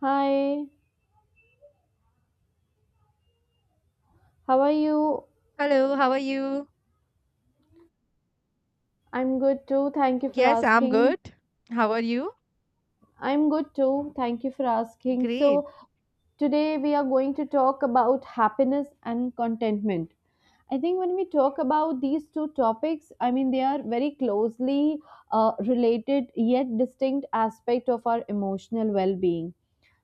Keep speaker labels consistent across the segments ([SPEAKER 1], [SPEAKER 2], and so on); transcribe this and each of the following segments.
[SPEAKER 1] Hi, how are you?
[SPEAKER 2] Hello, how are you?
[SPEAKER 1] I'm good too. Thank you for
[SPEAKER 2] Yes, I'm
[SPEAKER 1] asking.
[SPEAKER 2] good. How are you?
[SPEAKER 1] I'm good too. Thank you for asking.
[SPEAKER 2] Great.
[SPEAKER 1] So, today we are going to talk about happiness and contentment. I think when we talk about these two topics, I mean, they are very closely related yet distinct aspect of our emotional well-being.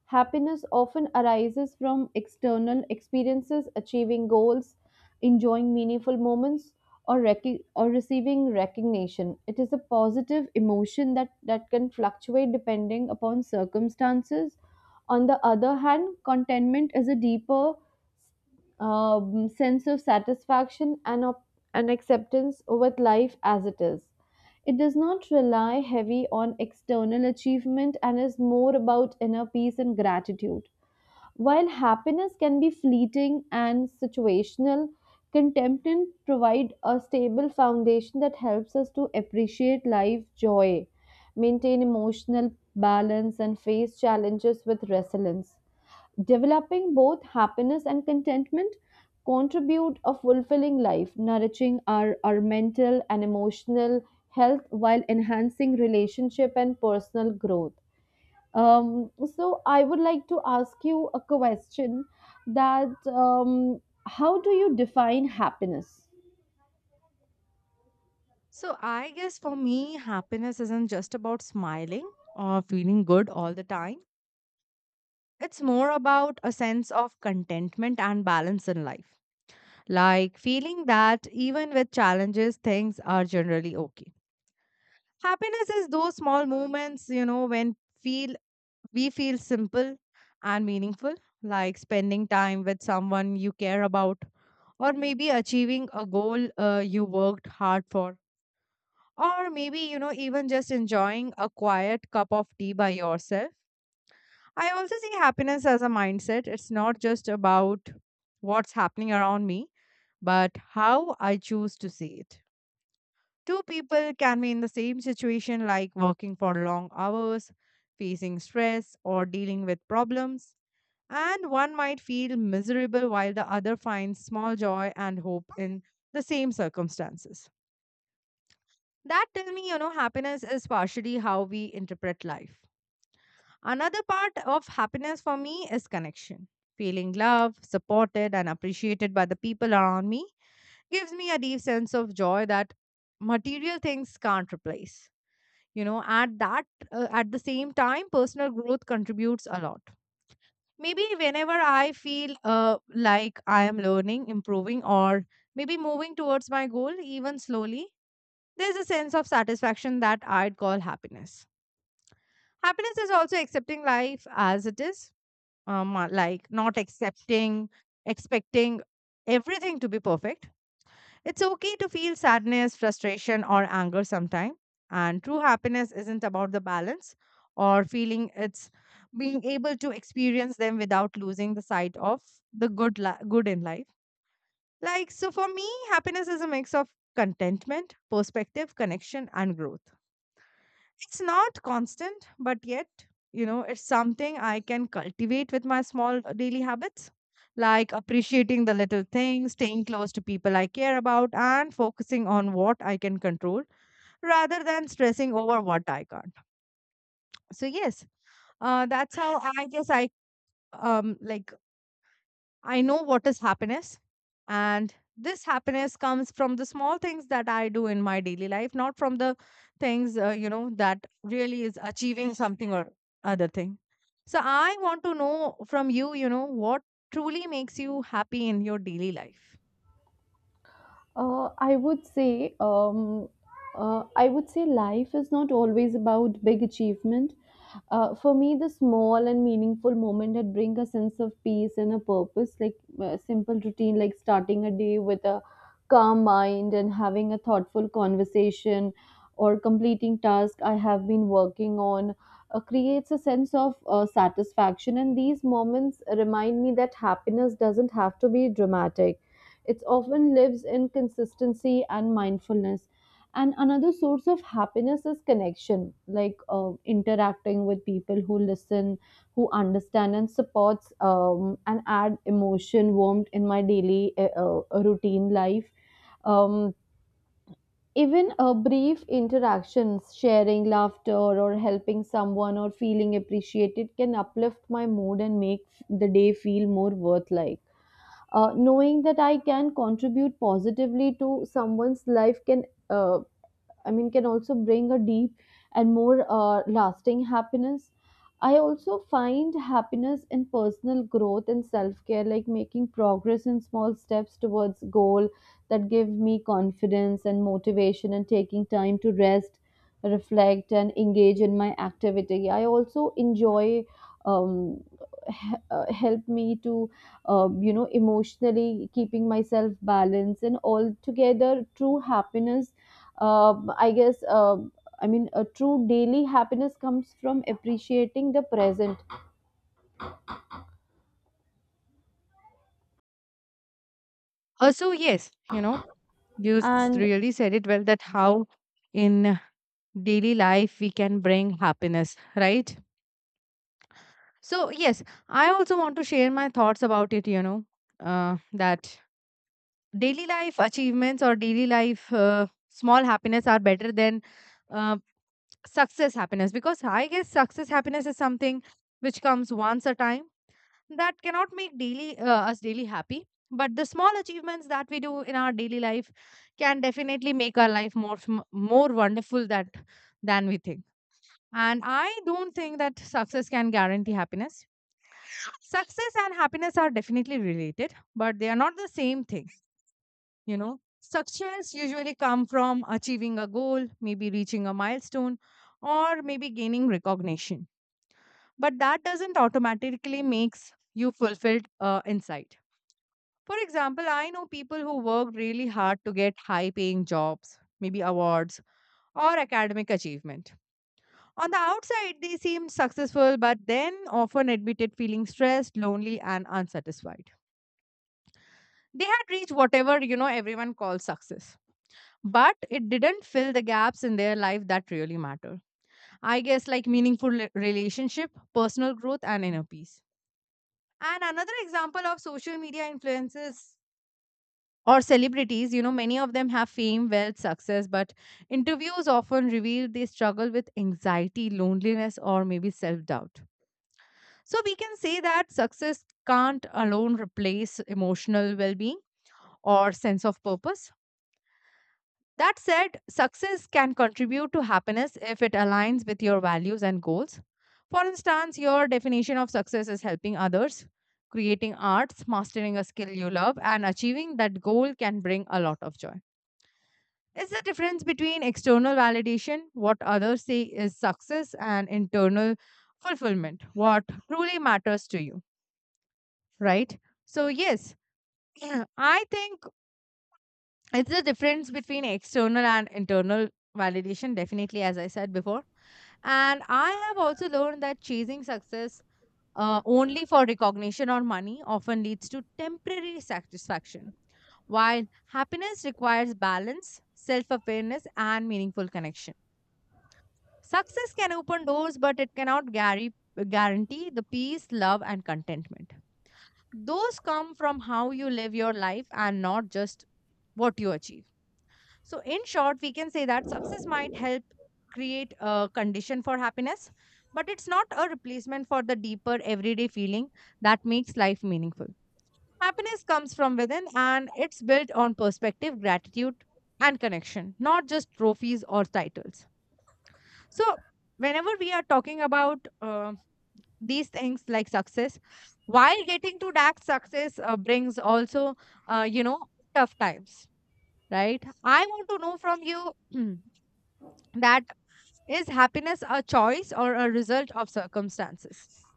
[SPEAKER 1] Happiness often arises from external experiences, achieving goals, enjoying meaningful moments, or receiving recognition. It is a positive emotion that can fluctuate depending upon circumstances. On the other hand, contentment is a deeper sense of satisfaction and and acceptance with life as it is. It does not rely heavy on external achievement and is more about inner peace and gratitude. While happiness can be fleeting and situational, contentment provide a stable foundation that helps us to appreciate life joy, maintain emotional balance and face challenges with resilience. Developing both happiness and contentment contribute a fulfilling life, nourishing our mental and emotional health while enhancing relationship and personal growth. So I would like to ask you a question that how do you define happiness?
[SPEAKER 2] So, I guess for me, happiness isn't just about smiling or feeling good all the time. It's more about a sense of contentment and balance in life. Like feeling that even with challenges, things are generally okay. Happiness is those small moments, you know, when feel we feel simple and meaningful, like spending time with someone you care about or maybe achieving a goal you worked hard for or maybe even just enjoying a quiet cup of tea by yourself. I also see happiness as a mindset. It's not just about what's happening around me but how I choose to see it. Two people can be in the same situation, like working for long hours, facing stress or dealing with problems, and one might feel miserable while the other finds small joy and hope in the same circumstances. That tell me, you know, happiness is partially how we interpret life. Another part of happiness for me is connection. Feeling loved, supported, and appreciated by the people around me gives me a deep sense of joy that material things can't replace. You know, at that, at the same time, personal growth contributes a lot. Maybe whenever I feel like I am learning, improving, or maybe moving towards my goal, even slowly, there's a sense of satisfaction that I'd call happiness. Happiness is also accepting life as it is, like not accepting, expecting everything to be perfect. It's okay to feel sadness, frustration, or anger sometimes. And true happiness isn't about the balance or feeling, it's being able to experience them without losing the sight of the good in life. Like, so for me, happiness is a mix of contentment, perspective, connection, and growth. It's not constant, but yet, you know, it's something I can cultivate with my small daily habits, like appreciating the little things, staying close to people I care about, and focusing on what I can control rather than stressing over what I can't. So, yes, that's how I guess I um like I know what is happiness. And this happiness comes from the small things that I do in my daily life, not from the things, that really is achieving something or other thing. So I want to know from you, you know, what truly makes you happy in your daily life.
[SPEAKER 1] Uh, I would say, um, I would say life is not always about big achievement. For me, the small and meaningful moment that bring a sense of peace and a purpose, like a simple routine, like starting a day with a calm mind and having a thoughtful conversation or completing task I have been working on, creates a sense of satisfaction. And these moments remind me that happiness doesn't have to be dramatic, it often lives in consistency and mindfulness. And another source of happiness is connection, like interacting with people who listen, who understand and supports, and add emotion, warmth in my daily routine life. Um, even a brief interactions, sharing laughter or helping someone or feeling appreciated can uplift my mood and make the day feel more worth like knowing that I can contribute positively to someone's life can uh, can also bring a deep and more lasting happiness. I also find happiness in personal growth and self care, like making progress in small steps towards goal that give me confidence and motivation, and taking time to rest, reflect, and engage in my activity. I also enjoy um, help me to you know emotionally keeping myself balanced and altogether true happiness uh, I guess, uh, a true daily happiness comes from appreciating the present.
[SPEAKER 2] So yes, you know,
[SPEAKER 1] And,
[SPEAKER 2] really said it well that how in daily life we can bring happiness, right? So yes, I also want to share my thoughts about it. You know, that daily life achievements or daily life small happiness are better than uh, success happiness, because I guess success happiness is something which comes once a time, that cannot make daily us daily happy. But the small achievements that we do in our daily life can definitely make our life more more wonderful that than we think. And I don't think that success can guarantee happiness. Success and happiness are definitely related, but they are not the same thing, you know. Success usually come from achieving a goal, maybe reaching a milestone or maybe gaining recognition, but that doesn't automatically makes you fulfilled inside. For example, I know people who worked really hard to get high paying jobs, maybe awards or academic achievement. On the outside they seemed successful, but then often admitted feeling stressed, lonely and unsatisfied. They had reached whatever, you know, everyone calls success, but it didn't fill the gaps in their life that really matter. I guess like meaningful relationship, personal growth and inner peace. And another example of social media influences or celebrities, you know, many of them have fame, wealth, success, but interviews often reveal they struggle with anxiety, loneliness or maybe self doubt. So we can say that success can't alone replace emotional well being or sense of purpose. That said, success can contribute to happiness if it aligns with your values and goals. For instance, your definition of success is helping others, creating arts, mastering a skill you love, and achieving that goal can bring a lot of joy. It's the difference between external validation, what others say is success, and internal fulfillment, what truly matters to you, right? So, yes, I think it's the difference between external and internal validation, definitely, as I said before. And I have also learned that chasing success only for recognition or money often leads to temporary satisfaction, while happiness requires balance, self awareness, and meaningful connection. Success can open doors, but it cannot guarantee the peace, love, and contentment. Those come from how you live your life and not just what you achieve. So, in short, we can say that success might help create a condition for happiness, but it's not a replacement for the deeper everyday feeling that makes life meaningful. Happiness comes from within and it's built on perspective, gratitude, and connection, not just trophies or titles. So, whenever we are talking about these things like success, while getting to that success brings also, uh, you know, tough times, right? I want to know from you. That is happiness a choice or a result of circumstances?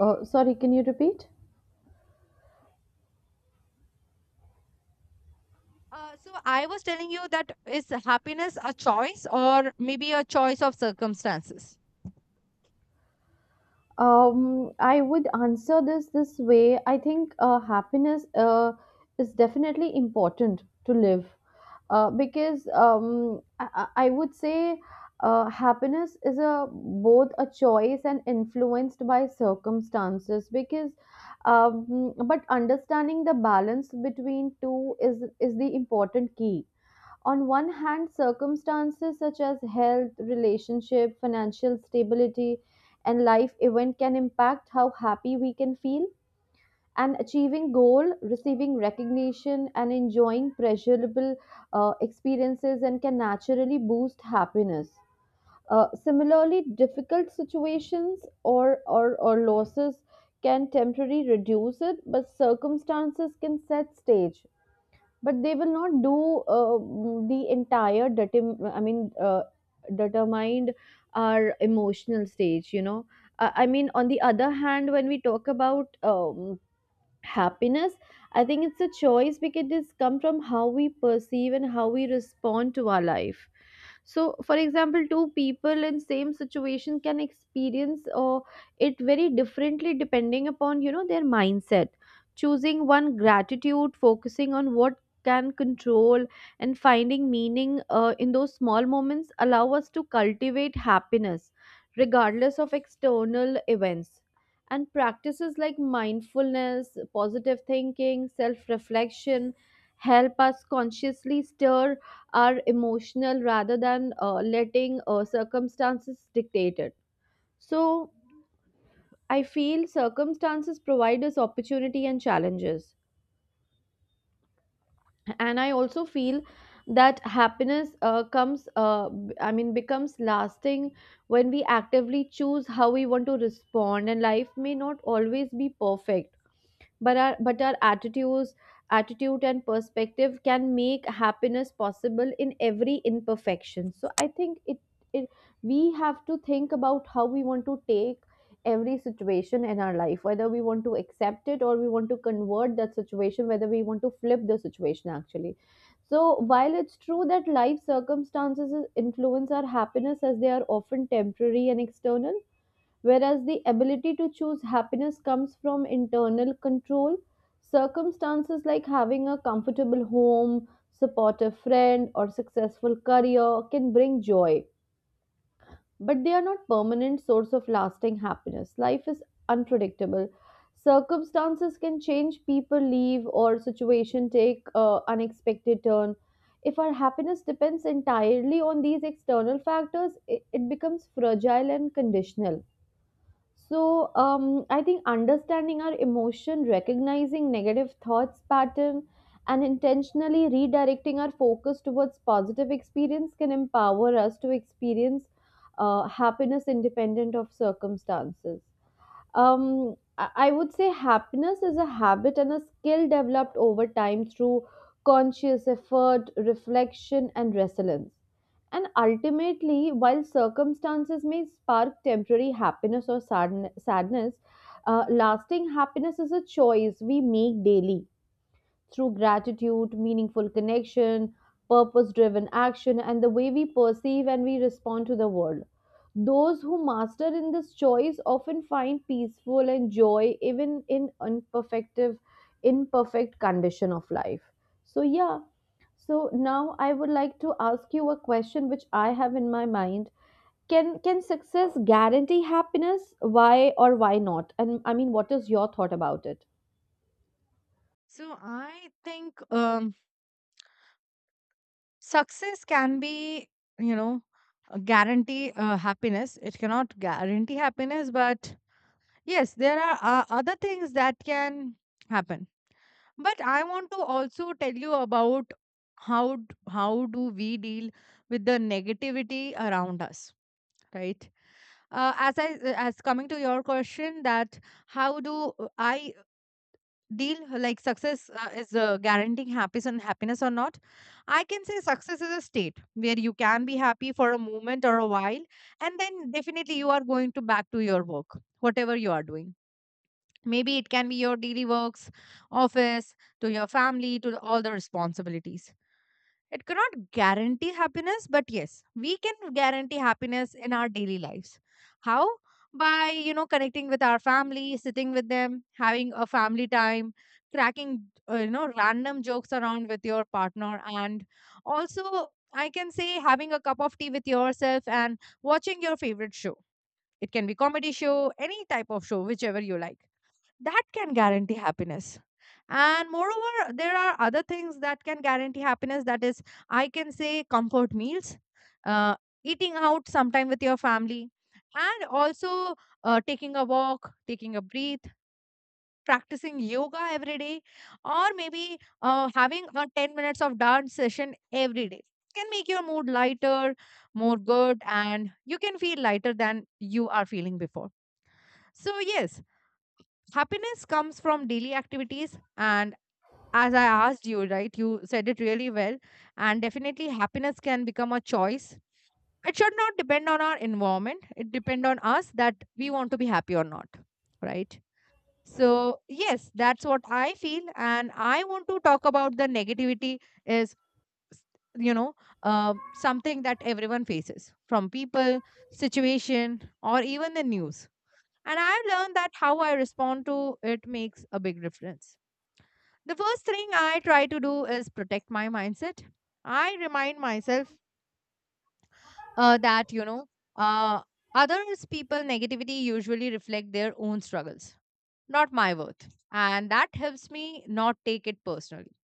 [SPEAKER 1] sorry, can you repeat?
[SPEAKER 2] So I was telling you that is happiness a choice or maybe a choice of circumstances?
[SPEAKER 1] I would answer this way. I think happiness is definitely important to live because I would say happiness is a both a choice and influenced by circumstances because but understanding the balance between two is the important key. On one hand, circumstances such as health, relationship, financial stability, and life event can impact how happy we can feel. And achieving goal, receiving recognition, and enjoying pleasurable experiences and can naturally boost happiness. Similarly, difficult situations or losses can temporarily reduce it, but circumstances can set stage, but they will not do the entire determined our emotional stage, you know. I mean on the other hand when we talk about happiness, I think it's a choice because it's come from how we perceive and how we respond to our life. So for example, two people in same situation can experience or it very differently depending upon, you know, their mindset, choosing one gratitude, focusing on what can control and finding meaning in those small moments allow us to cultivate happiness regardless of external events. And practices like mindfulness, positive thinking, self reflection help us consciously stir our emotional rather than letting circumstances dictate it. So, I feel circumstances provide us opportunity and challenges. And I also feel that happiness comes, b- I mean, becomes lasting when we actively choose how we want to respond, and life may not always be perfect, but our attitude and perspective can make happiness possible in every imperfection. So I think it, it we have to think about how we want to take every situation in our life, whether we want to accept it or we want to convert that situation, whether we want to flip the situation actually. So while it's true that life circumstances influence our happiness as they are often temporary and external, whereas the ability to choose happiness comes from internal control. Circumstances like having a comfortable home, supportive friend, or successful career can bring joy, but they are not permanent source of lasting happiness. Life is unpredictable. Circumstances can change, people leave, or situation take unexpected turn. If our happiness depends entirely on these external factors, it becomes fragile and conditional. So I think understanding our emotion, recognizing negative thoughts pattern, and intentionally redirecting our focus towards positive experience can empower us to experience happiness independent of circumstances. I would say happiness is a habit and a skill developed over time through conscious effort, reflection, and resilience. And ultimately, while circumstances may spark temporary happiness or sadness, lasting happiness is a choice we make daily through gratitude, meaningful connection, purpose driven action, and the way we perceive and we respond to the world. Those who master in this choice often find peaceful and joy even in imperfect condition of life. So yeah, so now I would like to ask you a question which I have in my mind. Can success guarantee happiness, why or why not, and I mean what is your thought about it?
[SPEAKER 2] So I think success can be, you know, a guarantee happiness. It cannot guarantee happiness, but yes, there are other things that can happen. But I want to also tell you about how do we deal with the negativity around us, right? As I, as coming to your question, that how do I deal like success is guaranteeing happiness and happiness or not. I can say success is a state where you can be happy for a moment or a while, and then definitely you are going to back to your work, whatever you are doing. Maybe it can be your daily works, office, to your family, to all the responsibilities. It cannot guarantee happiness, but yes, we can guarantee happiness in our daily lives. How? By, you know, connecting with our family, sitting with them, having a family time, cracking, random jokes around with your partner, and also, I can say, having a cup of tea with yourself and watching your favorite show. It can be comedy show, any type of show, whichever you like, that can guarantee happiness. And moreover, there are other things that can guarantee happiness, that is, I can say, comfort meals, uh, eating out sometime with your family, and also, taking a walk, taking a breath, practicing yoga every day, or maybe having a 10 minutes of dance session every day can make your mood lighter, more good, and you can feel lighter than you are feeling before. So yes, happiness comes from daily activities. And as I asked you, right, you said it really well, and definitely happiness can become a choice. It should not depend on our environment, it depend on us that we want to be happy or not, right? So yes, that's what I feel. And I want to talk about the negativity. Is s- you know, uh, something that everyone faces, from people, situation, or even the news, and I've learned that how I respond to it makes a big difference. The first thing I try to do is protect my mindset. I remind myself that, you know, uh, others people negativity usually reflect their own struggles, not my worth. And that helps me not take it personally.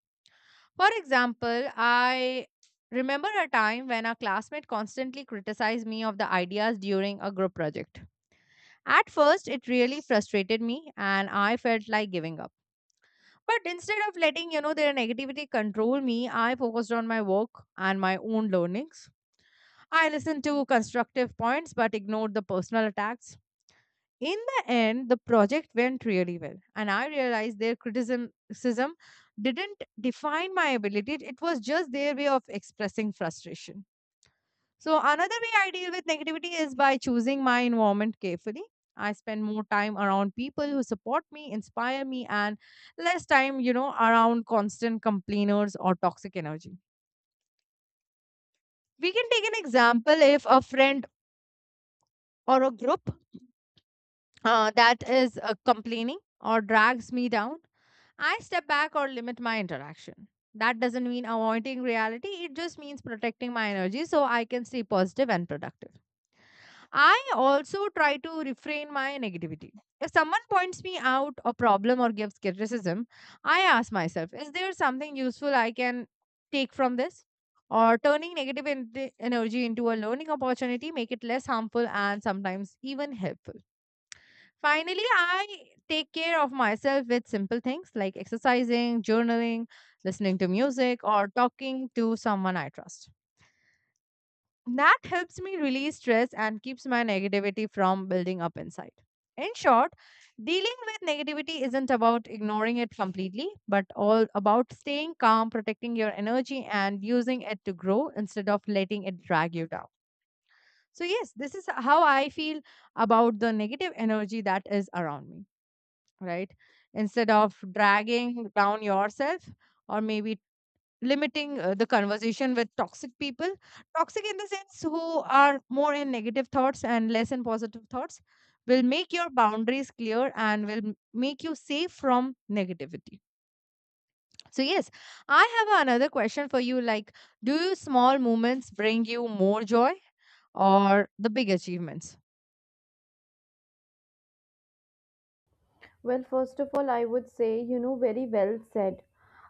[SPEAKER 2] For example, I remember a time when a classmate constantly criticized me of the ideas during a group project. At first, it really frustrated me and I felt like giving up. But instead of letting, you know, their negativity control me, I focused on my work and my own learnings. I listened to constructive points but ignored the personal attacks. In the end, the project went really well, and I realized their criticism didn't define my ability. It was just their way of expressing frustration. So another way I deal with negativity is by choosing my environment carefully. I spend more time around people who support me, inspire me, and less time, you know, around constant complainers or toxic energy. We can take an example, if a friend or a group that is complaining or drags me down, I step back or limit my interaction. That doesn't mean avoiding reality, it just means protecting my energy so I can stay positive and productive. I also try to refrain my negativity. If someone points me out a problem or gives criticism, I ask myself, is there something useful I can take from this? Or turning negative energy into a learning opportunity make it less harmful and sometimes even helpful. Finally, I take care of myself with simple things like exercising, journaling, listening to music, or talking to someone I trust. That helps me release stress and keeps my negativity from building up inside. In short, dealing with negativity isn't about ignoring it completely, but all about staying calm, protecting your energy, and using it to grow instead of letting it drag you down. So, yes, this is how I feel about the negative energy that is around me, right? Instead of dragging down yourself or maybe limiting the conversation with toxic people, toxic in the sense who are more in negative thoughts and less in positive thoughts, will make your boundaries clear and will make you safe from negativity. So yes, I have another question for you. Like, do you small moments bring you more joy or the big achievements?
[SPEAKER 1] Well, first of all, I would say, you know, very well said.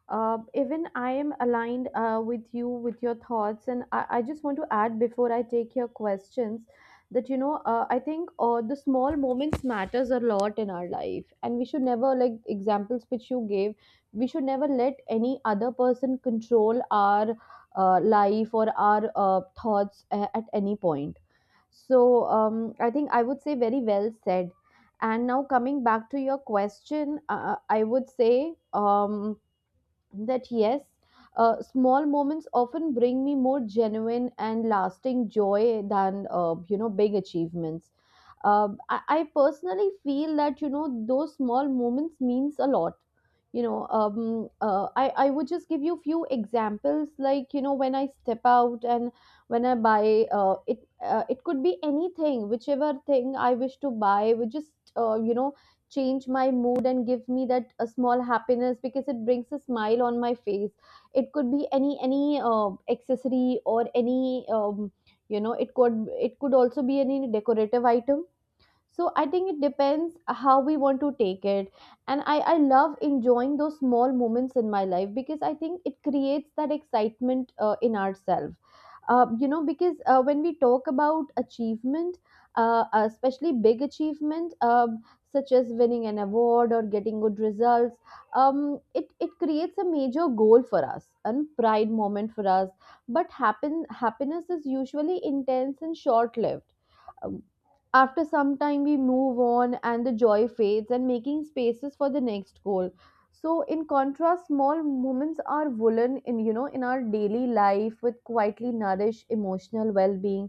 [SPEAKER 1] Even I am aligned with you, with your thoughts. And I just want to add before I take your questions that, you know, I think the small moments matters a lot in our life. And we should never, like examples which you gave, we should never let any other person control our life or our thoughts at any point. So I think I would say very well said. And now, coming back to your question, I would say that yes, small moments often bring me more genuine and lasting joy than you know big achievements. I personally feel that you know those small moments means a lot. You know, I would just give you few examples like you know when I step out and when I buy it could be anything whichever thing I wish to buy would just you know change my mood and give me that a small happiness because it brings a smile on my face. It could be any accessory or any you know, it could also be any decorative item. So I think it depends how we want to take it. And I love enjoying those small moments in my life because I think it creates that excitement in ourselves, you know, because when we talk about achievement, especially big achievement, such as winning an award or getting good results it creates a major goal for us and pride moment for us, but happiness is usually intense and short lived. After some time, we move on and the joy fades, and making spaces for the next goal. So, in contrast, small moments are woven in, you know, in our daily life with quietly nourish emotional well being,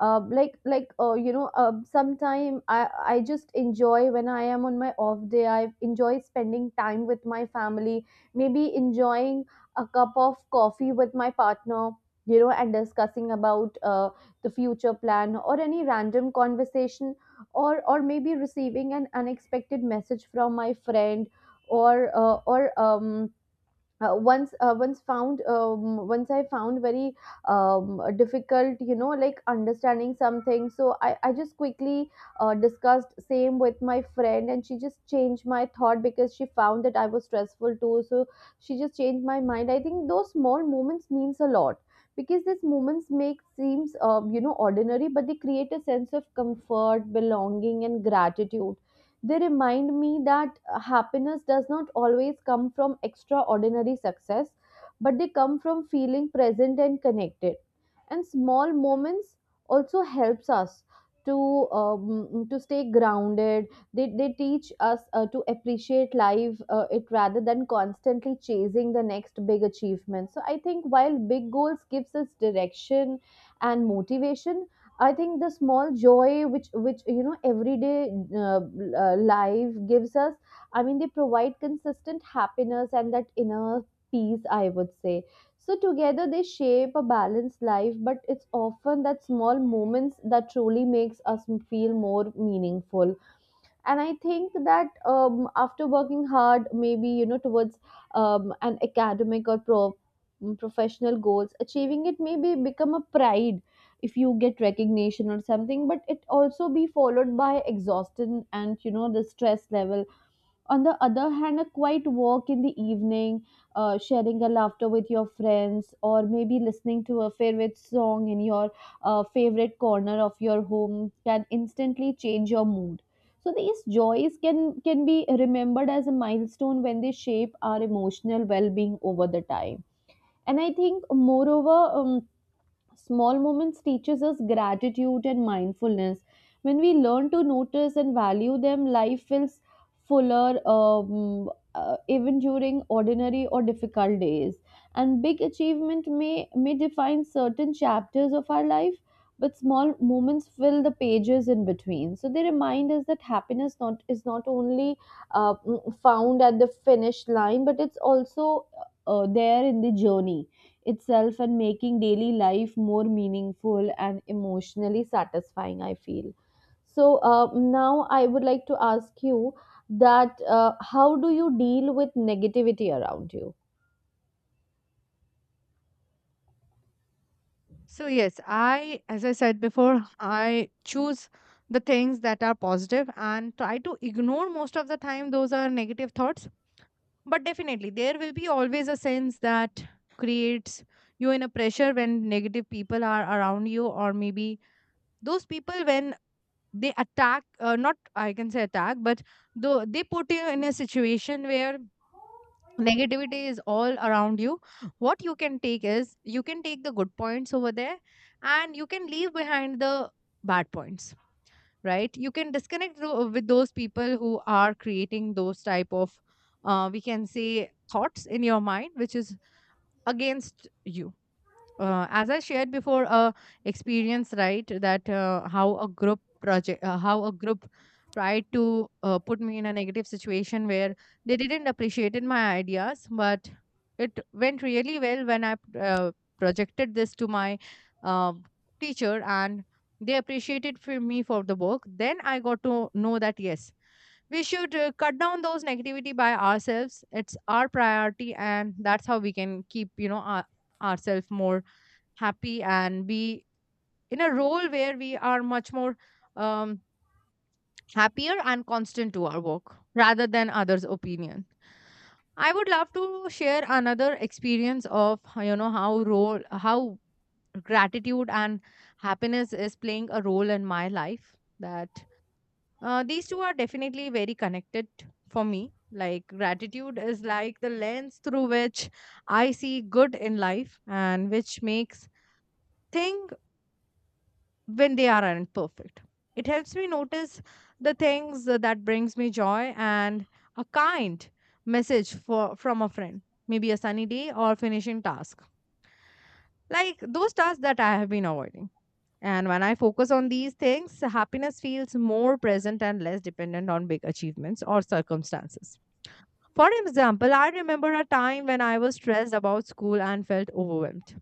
[SPEAKER 1] you know, I just enjoy when I am on my off day, I enjoy spending time with my family, maybe enjoying a cup of coffee with my partner, you know, and discussing about the future plan or any random conversation, or maybe receiving an unexpected message from my friend, or once once found once I found very difficult, you know, like understanding something. So I just quickly discussed same with my friend and she just changed my thought because she found that I was stressful too, so she just changed my mind. I think those small moments means a lot because these moments make seems you know ordinary, but they create a sense of comfort belonging and gratitude. They remind me that happiness does not always come from extraordinary success, but they come from feeling present and connected. And small moments also helps us to to stay grounded. They teach us to appreciate life it rather than constantly chasing the next big achievement. So I think while big goals gives us direction and motivation, I think the small joy which everyday uh, life gives us. I mean, they provide consistent happiness and that inner peace. I would say so. Together, they shape a balanced life. But it's often that small moments that truly makes us feel more meaningful. And I think that after working hard maybe towards an academic or professional goals achieving it maybe become a pride if you get recognition or something, but it also be followed by exhaustion and you know the stress level. On the other hand, a quiet walk in the evening, sharing a laughter with your friends, or maybe listening to a favorite song in your favorite corner of your home can instantly change your mood. So these joys can be remembered as a milestone when they shape our emotional well-being over the time. And I think moreover, small moments teaches us gratitude and mindfulness. When we learn to notice and value them, life feels fuller, even during ordinary or difficult days. And big achievement may define certain chapters of our life, but small moments fill the pages in between. So they remind us that happiness not is not only uh, found at the finish line, but it's also there in the journey itself, and making daily life more meaningful and emotionally satisfying I feel so. Now I would like to ask you that how do you deal with negativity around you?
[SPEAKER 2] So, yes, I, as I said before, I choose the things that are positive and try to ignore most of the time those are negative thoughts. But definitely, there will be always a sense that creates you in a pressure when negative people are around you, or maybe those people when they attack, not I can say attack, but though they put you in a situation where negativity is all around you. What you can take is you can take the good points over there and you can leave behind the bad points, right? You can disconnect with those people who are creating those type of, we can say, thoughts in your mind which is against you. As I shared before a experience, right, that how a group project, how a group tried to put me in a negative situation where they didn't appreciate my ideas, but it went really well when I uh, projected this to my uh, teacher, and they appreciated for me for the work. Then I got to know that yes, we should cut down those negativity by ourselves. It's our priority, and that's how we can keep, you know, our, ourselves more happy and be in a role where we are much more um, happier and constant to our work rather than others' opinion. I would love to share another experience of you know, how role, how gratitude and happiness is playing a role in my life. That these two are definitely very connected for me. Like, gratitude is like the lens through which I see good in life and which makes things when they aren't perfect. It helps me notice the things that brings me joy and a kind message for from a friend, maybe a sunny day or finishing task. Like those tasks that I have been avoiding. And when I focus on these things, happiness feels more present and less dependent on big achievements or circumstances. For example, I remember a time when I was stressed about school and felt overwhelmed.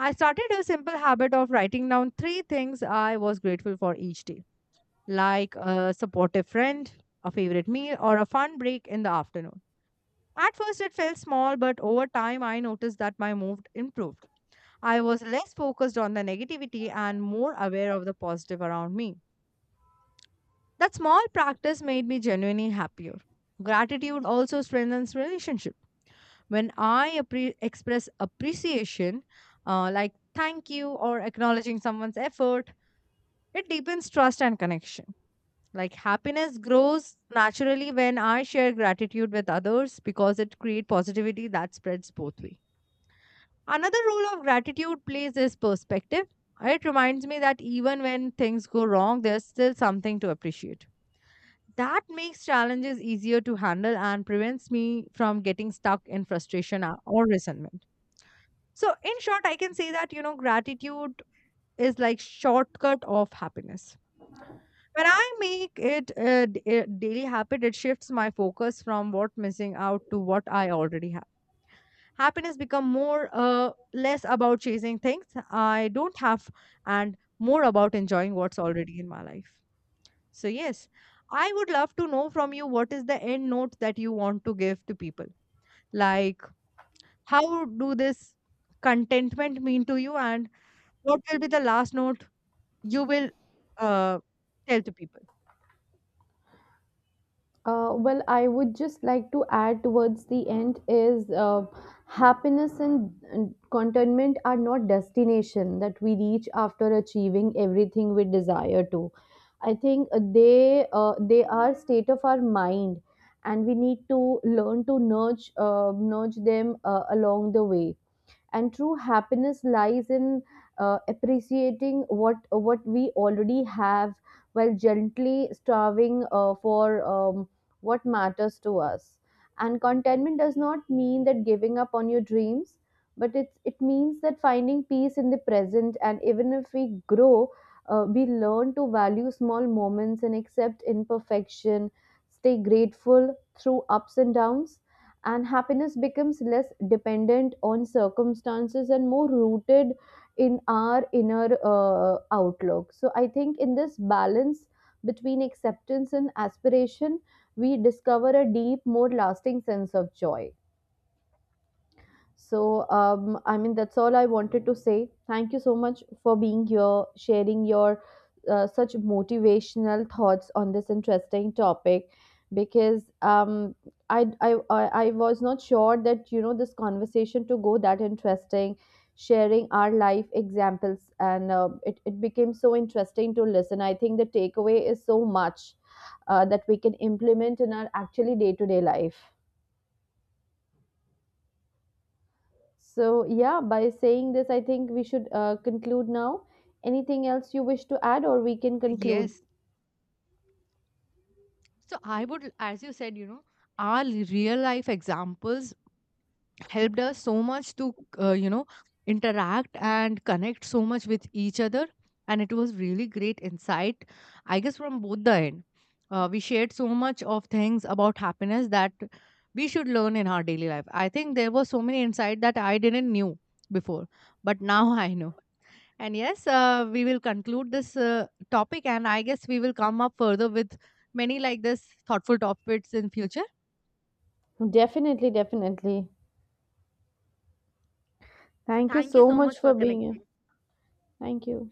[SPEAKER 2] I started a simple habit of writing down three things I was grateful for each day, like a supportive friend, a favorite meal, or a fun break in the afternoon. At first, it felt small, but over time, I noticed that my mood improved. I was less focused on the negativity and more aware of the positive around me. That small practice made me genuinely happier. Gratitude also strengthens relationship. When I express appreciation, like thank you or acknowledging someone's effort, it deepens trust and connection. Like, happiness grows naturally when I share gratitude with others because it creates positivity that spreads both way. Another role of gratitude plays is perspective. It reminds me that even when things go wrong, there's still something to appreciate. That makes challenges easier to handle and prevents me from getting stuck in frustration or resentment. So, in short, I can say that, you know, gratitude is like shortcut of happiness. When I make it a, a daily habit, it shifts my focus from what missing out to what I already have. Happiness become more less about chasing things I don't have and more about enjoying what's already in my life. So yes, I would love to know from you, what is the end note that you want to give to people? Like, how do this contentment mean to you, and what will be the last note you will uh, tell to people?
[SPEAKER 1] Well, I would just like to add towards the end is, happiness and contentment are not destination that we reach after achieving everything we desire to. I think they are state of our mind, and we need to learn to nudge nudge them along the way, and true happiness lies in appreciating what we already have, while gently starving for what matters to us. And contentment does not mean that giving up on your dreams, but it means that finding peace in the present, and even if we grow, we learn to value small moments and accept imperfection, stay grateful through ups and downs, and happiness becomes less dependent on circumstances and more rooted in our inner outlook. So I think in this balance between acceptance and aspiration, we discover a deep more lasting sense of joy. So, I mean, that's all I wanted to say. Thank you so much for being here, sharing your such motivational thoughts on this interesting topic. Because I was not sure that you know this conversation to go that interesting, sharing our life examples, and it became so interesting to listen. I think the takeaway is so much that we can implement in our actually day to day life. So, yeah, by saying this, I think we should conclude now. Anything else you wish to add, or we can conclude?
[SPEAKER 2] Yes. So I would, as you said, you know, our real life examples helped us so much to, you know, interact and connect so much with each other. And it was really great insight, I guess, from both the end. We shared so much of things about happiness that we should learn in our daily life. I think there were so many insight that I didn't knew before, but now I know. And yes, we will conclude this topic, and I guess we will come up further with many like this thoughtful topics in future.
[SPEAKER 1] Definitely, definitely.
[SPEAKER 2] So
[SPEAKER 1] Thank you
[SPEAKER 2] thank you
[SPEAKER 1] so
[SPEAKER 2] so
[SPEAKER 1] much
[SPEAKER 2] much for
[SPEAKER 1] for being here.
[SPEAKER 2] connecting.
[SPEAKER 1] Thank you.